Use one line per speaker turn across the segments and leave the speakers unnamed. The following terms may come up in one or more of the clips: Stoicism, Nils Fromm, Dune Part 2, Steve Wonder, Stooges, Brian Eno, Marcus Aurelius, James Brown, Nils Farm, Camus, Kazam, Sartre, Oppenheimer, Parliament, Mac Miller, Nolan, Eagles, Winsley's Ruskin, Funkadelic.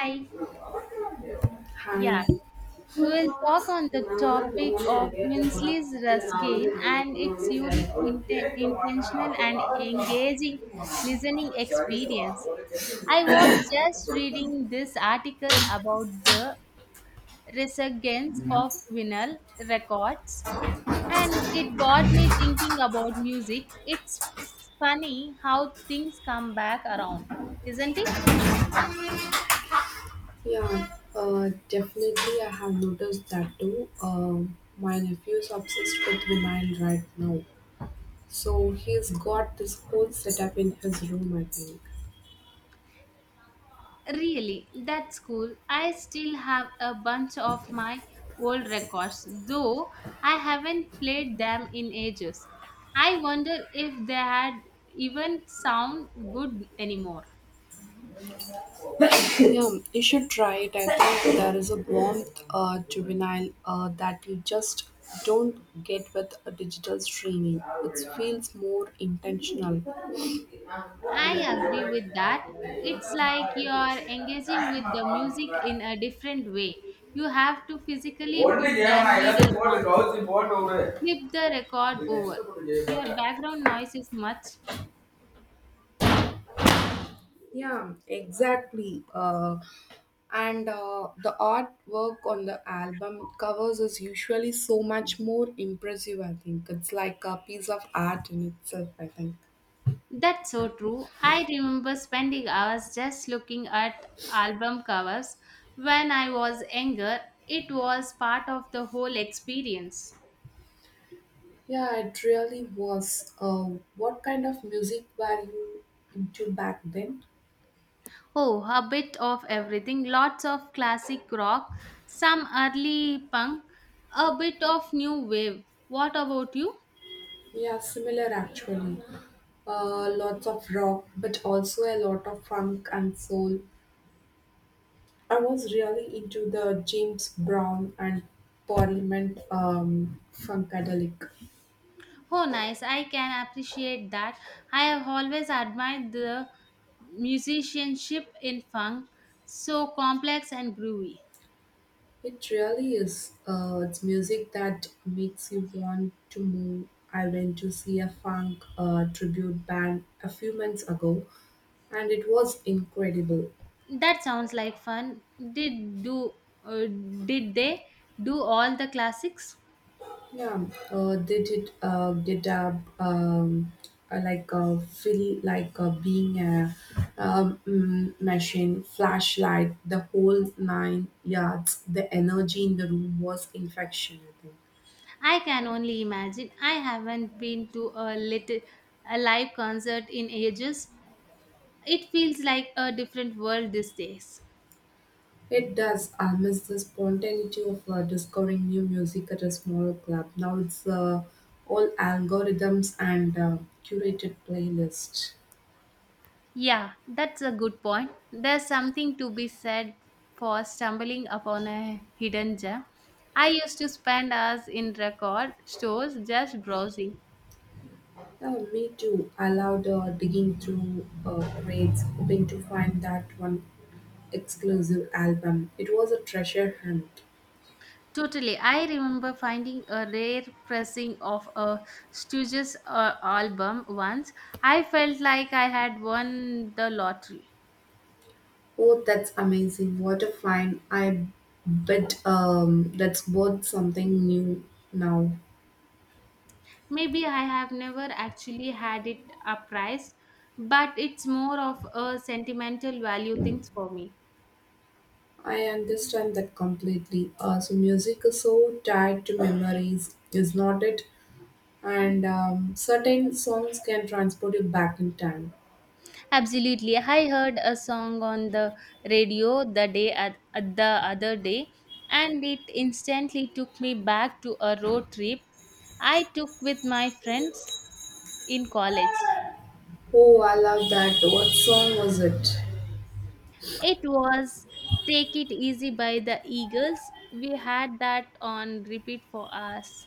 Hi.
Hi.
Yeah.
Yeah,
We'll talk on the topic of Winsley's Ruskin and its unique intentional and engaging listening experience. I was just reading this article about the resurgence of vinyl records, and it got me thinking about music. It's funny how things come back around, isn't it?
definitely I have noticed that too. My nephew is obsessed with vinyl right now. So he's got this whole setup in his room, I think.
Really, that's cool. I still have a bunch of my old records, though I haven't played them in ages. I wonder if they had even sound good anymore.
Yeah, you should try it. I think there is a warmth juvenile that you just don't get with a digital streaming. It feels more intentional.
I agree with that. It's like you're engaging with
டைம்மா
the music
பார்க்கணும்ல
in a different way. You have to physically
ஒண்ணு
put the
ஜெயவனா எல்லாத்தையும்
needle
போட்டு
on,
கவுத்தி போட்டு விடு
flip the record
இது next
over.
போட்டு
Your
ஜெயிப்பாங்க
background noise is much.
Yeah, exactly. And The artwork on the album covers is usually so much more impressive, I think. It's like a piece of art in itself, I think.
That's so true. I remember spending hours just looking at album covers when I was younger. It was part of the whole experience.
Yeah, it really was. What kind of music were you into back then?
Oh, a bit of everything. Lots of classic rock, some early punk, a bit of new wave. What about you?
Yeah, similar actually. Lots of rock, but also a lot of funk and soul. I was really into the James Brown and Parliament Funkadelic.
Oh, nice. I can appreciate that. I have always admired the musicianship in funk, so complex and groovy.
It really is. It's music that makes you want to move. I went to see a funk tribute band a few months ago, and it was incredible.
That sounds like fun. Did do uh, did they do all the classics?
Yeah, they did get up um, like feel like being a mm, machine, flashlight, the whole nine yards. The energy in the room was infection. I think
I can only imagine. I haven't been to a live concert in ages. It feels like a different world these days.
it does. I miss the spontaneity of discovering new music at a small club. Now it's all algorithms and curated playlists.
Yeah, that's a good point. There's something to be said for stumbling upon a hidden gem. I used to spend hours in record stores just browsing.
Oh, me too. I loved digging through crates, hoping to find that one exclusive album. It was a treasure hunt.
Totally. I remember finding a rare pressing of a Stooges album once. I felt like I had won the lottery.
Oh, that's amazing. What a find. I bet that's worth something new now.
Maybe I have never actually had it appraised, but it's more of a sentimental value things for me.
I understand that completely. Music is so tied to memories, is not it? And certain songs can transport you back in time.
Absolutely. I heard a song on the radio the other day, and it instantly took me back to a road trip I took with my friends in college.
Oh, I love that. What song was it?
It was Take It Easy by the Eagles. We had that on repeat for us.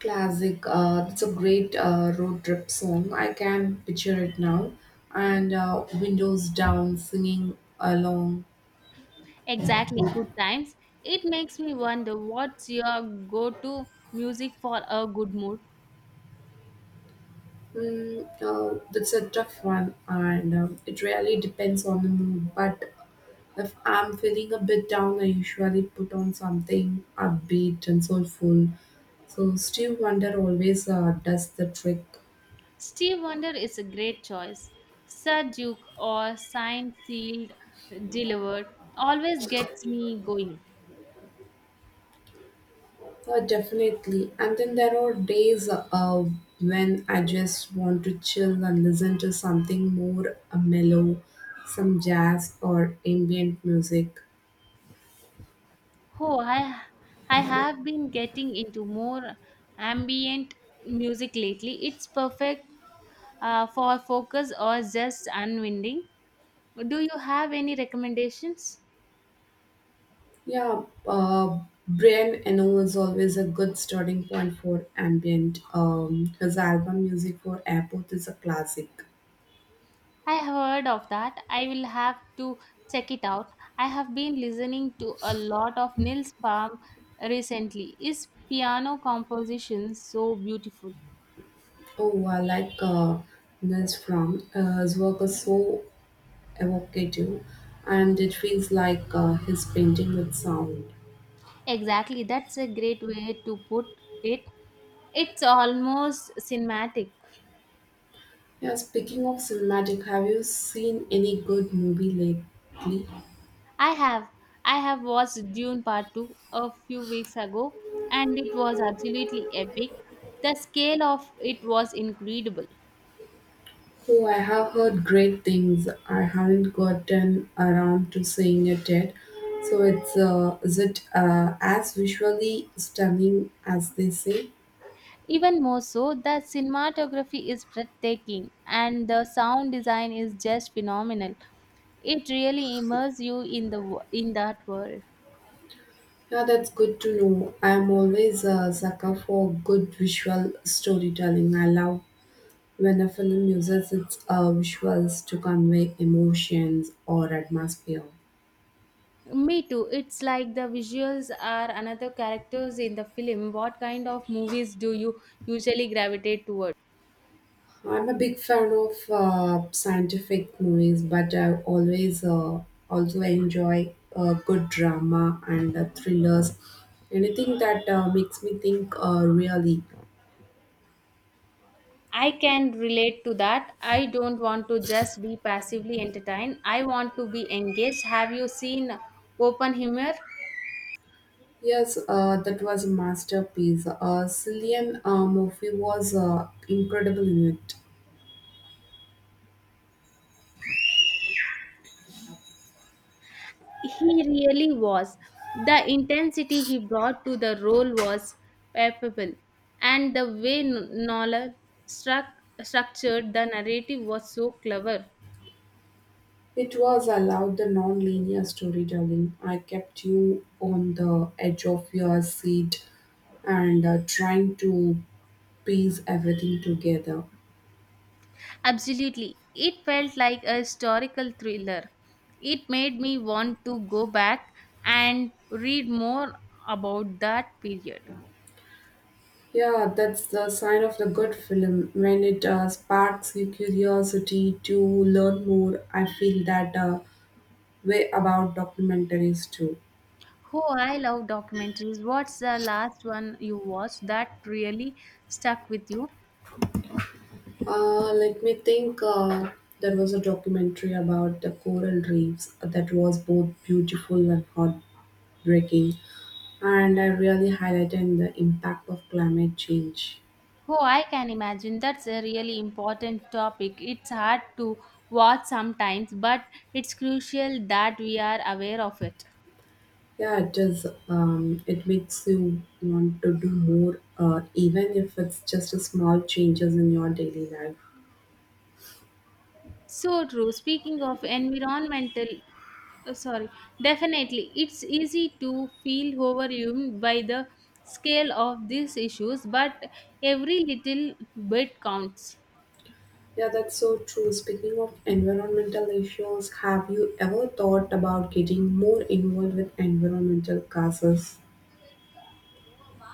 Classic. It's a great road trip song. I can picture it now. And windows down, singing along.
Exactly, good times. It makes me wonder, what's your go to music for a good mood?
That's a tough one, and it really depends on the mood. But if I'm feeling a bit down, I usually put on something upbeat and soulful. So Steve Wonder always does the trick.
Steve Wonder is a great choice. Sir Duke or Signed, Sealed, Delivered always gets me going.
Definitely. And then there are days when I just want to chill and listen to something more mellow, some jazz or ambient music.
Oh, I have been getting into more ambient music lately. It's perfect for focus or just unwinding. Do you have any recommendations?
Yeah, uh, Brian Eno is always a good starting point for ambient. His album Music for Airport is a classic.
I have heard of that. I will have to check it out. I have been listening to a lot of Nils Farm recently. His piano compositions so beautiful.
Oh, I like Nils Fromm. His work is so evocative and it feels like he's painting with sound.
Exactly, that's a great way to put it. It's almost cinematic.
Yeah, speaking of cinematic, have you seen any good movie lately?
I have. I have watched Dune Part 2 a few weeks ago and it was absolutely epic. The scale of it was incredible.
Oh, I have heard great things. I haven't gotten around to seeing it yet. So it's is it as visually stunning as they say?
Even more so, the cinematography is breathtaking and the sound design is just phenomenal. It really immerses you in the in that world.
Yeah, that's good to know. I'm always a sucker for good visual storytelling. I love when a film uses its visuals to convey emotions or atmosphere.
Me too. It's like the visuals are another characters in the film. What kind of movies do you usually gravitate towards?
I'm a big fan of scientific movies, but I always also enjoy good drama and thrillers. Anything that makes me think really.
I can relate to that. I don't want to just be passively entertained. I want to be engaged. Have you seen Oppenheimer?
Yes, that was a masterpiece. Cillian Murphy was incredible in it.
He really was. The intensity he brought to the role was palpable, and the way Nolan struck, structured the narrative was so clever.
It was allowed the non-linear storytelling. I kept you on the edge of your seat and trying to piece everything together.
Absolutely. It felt like a historical thriller. It made me want to go back and read more about that period.
Yeah, that's the sign of the good film when it sparks your curiosity to learn more. I feel that way about documentaries too.
Oh, I love documentaries. What's the last one you watched that really stuck with you?
Let me think. There was a documentary about the coral reefs that was both beautiful and heartbreaking, and I really highlighted the impact of climate change.
Oh, I can imagine. That's a really important topic. It's hard to watch sometimes, but it's crucial that we are aware of it.
Yeah, it does. It makes you want to do more, even if it's just a small changes in your daily life.
So true. Speaking of environmental, oh, sorry, definitely, it's easy to feel overwhelmed by the scale of these issues, but every little bit counts.
Yeah, that's so true. Speaking of environmental issues, have you ever thought about getting more involved with environmental causes?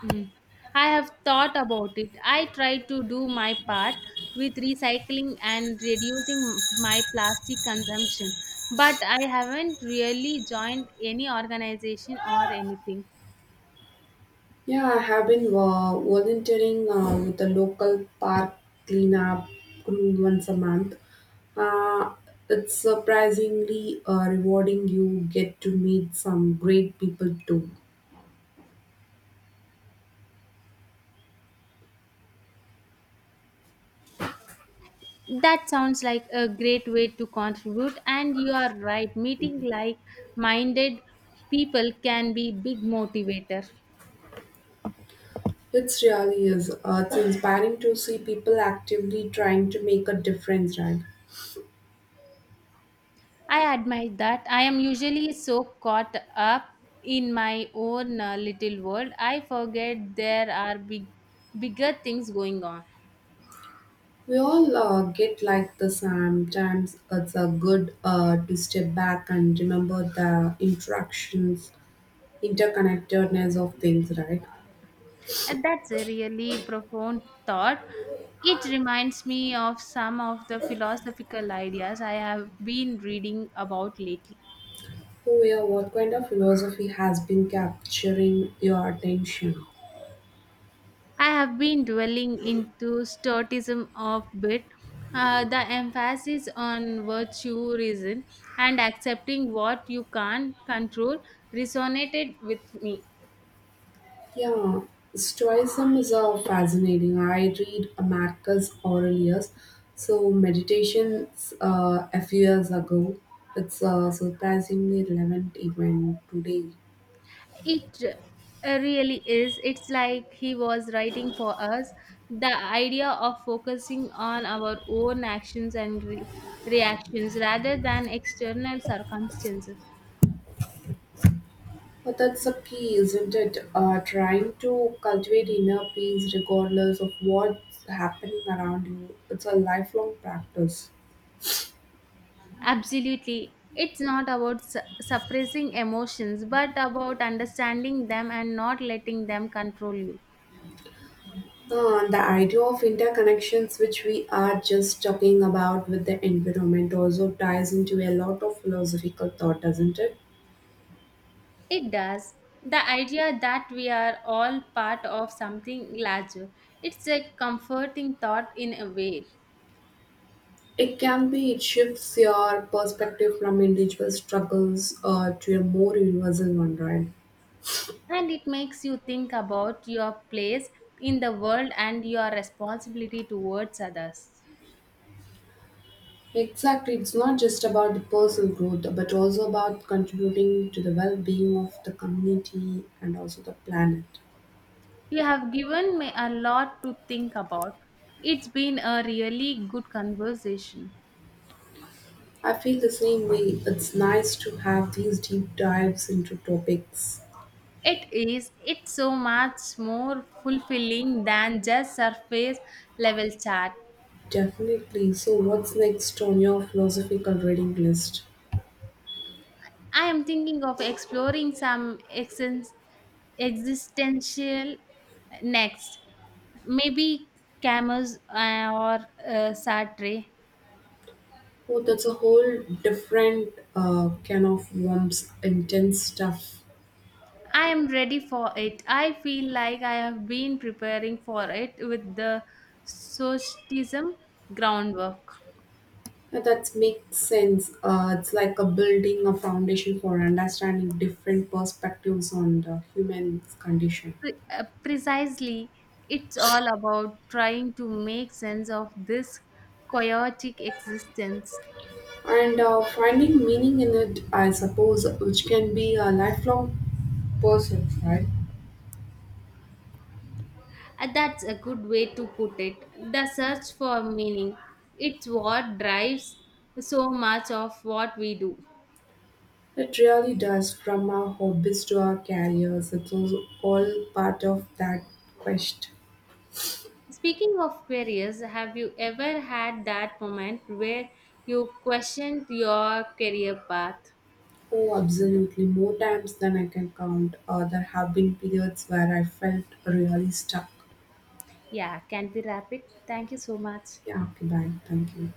Mm. I have thought about it. I try to do my part with recycling and reducing my plastic consumption, but I haven't really joined any organization or anything.
Yeah, I have been volunteering with the local park cleanup crew once a month. Uh, it's surprisingly rewarding. You get to meet some great people too.
That sounds like a great way to contribute, and you are right. Meeting like minded people can be big motivator.
It really is. It's inspiring to see people actively trying to make a difference, right?
I admire that. I am usually so caught up in my own little world. I forget there are bigger things going on.
We all get like this sometimes. It's a good to step back and remember the interconnectedness of things, right?
And that's a really profound thought. It reminds me of some of the philosophical ideas I have been reading about lately.
Oh yeah, what kind of philosophy has been capturing your attention?
I have been dwelling into Stoicism of bit, the emphasis on virtue, reason, and accepting what you can't control resonated with me.
Yeah, Stoicism is fascinating. I read Marcus Aurelius, so meditations a few years ago. It's surprisingly relevant even today.
It really is. It's like he was writing for us. The idea of focusing on our own actions and reactions rather than external circumstances.
But that's the key, isn't it? Trying to cultivate inner peace regardless of what's happening around you. It's a lifelong practice.
Absolutely. It's not about suppressing emotions, but about understanding them and not letting them control you.
And the idea of interconnections, which we are just talking about with the environment, also ties into a lot of philosophical thought, doesn't it?
It does. The idea that we are all part of something larger. It's a comforting thought in a way.
It can be, it shifts your perspective from individual struggles to a more universal one, right?
And it makes you think about your place in the world and your responsibility towards others.
Exactly, it's not just about the personal growth, but also about contributing to the well being of the community and also the planet.
You have given me a lot to think about. It's been a really good conversation.
I feel the same way. It's nice to have these deep dives into topics.
It is. It's so much more fulfilling than just surface level chat.
Definitely. So, what's next on your philosophical reading list?
I am thinking of exploring some existential next. Maybe Camus or Sartre.
Oh, that's a whole different can of worms, intense stuff.
I am ready for it. I feel like I have been preparing for it with the socialism groundwork.
That makes sense. It's like a building a foundation for understanding different perspectives on the human condition
Precisely, it's all about trying to make sense of this chaotic existence.
and finding meaning in it, I suppose, which can be a lifelong pursuit, right?
That's a good way to put it, the search for meaning, it's what drives so much of what we do.
It really does, from our hobbies to our careers, it's also all part of that quest.
Speaking of careers, have you ever had that moment where you questioned your career path?
Oh, absolutely. More times than I can count, there have been periods where I felt really stuck.
Yeah, can we wrap it? Thank you so much.
Yeah, okay, bye. Thank you.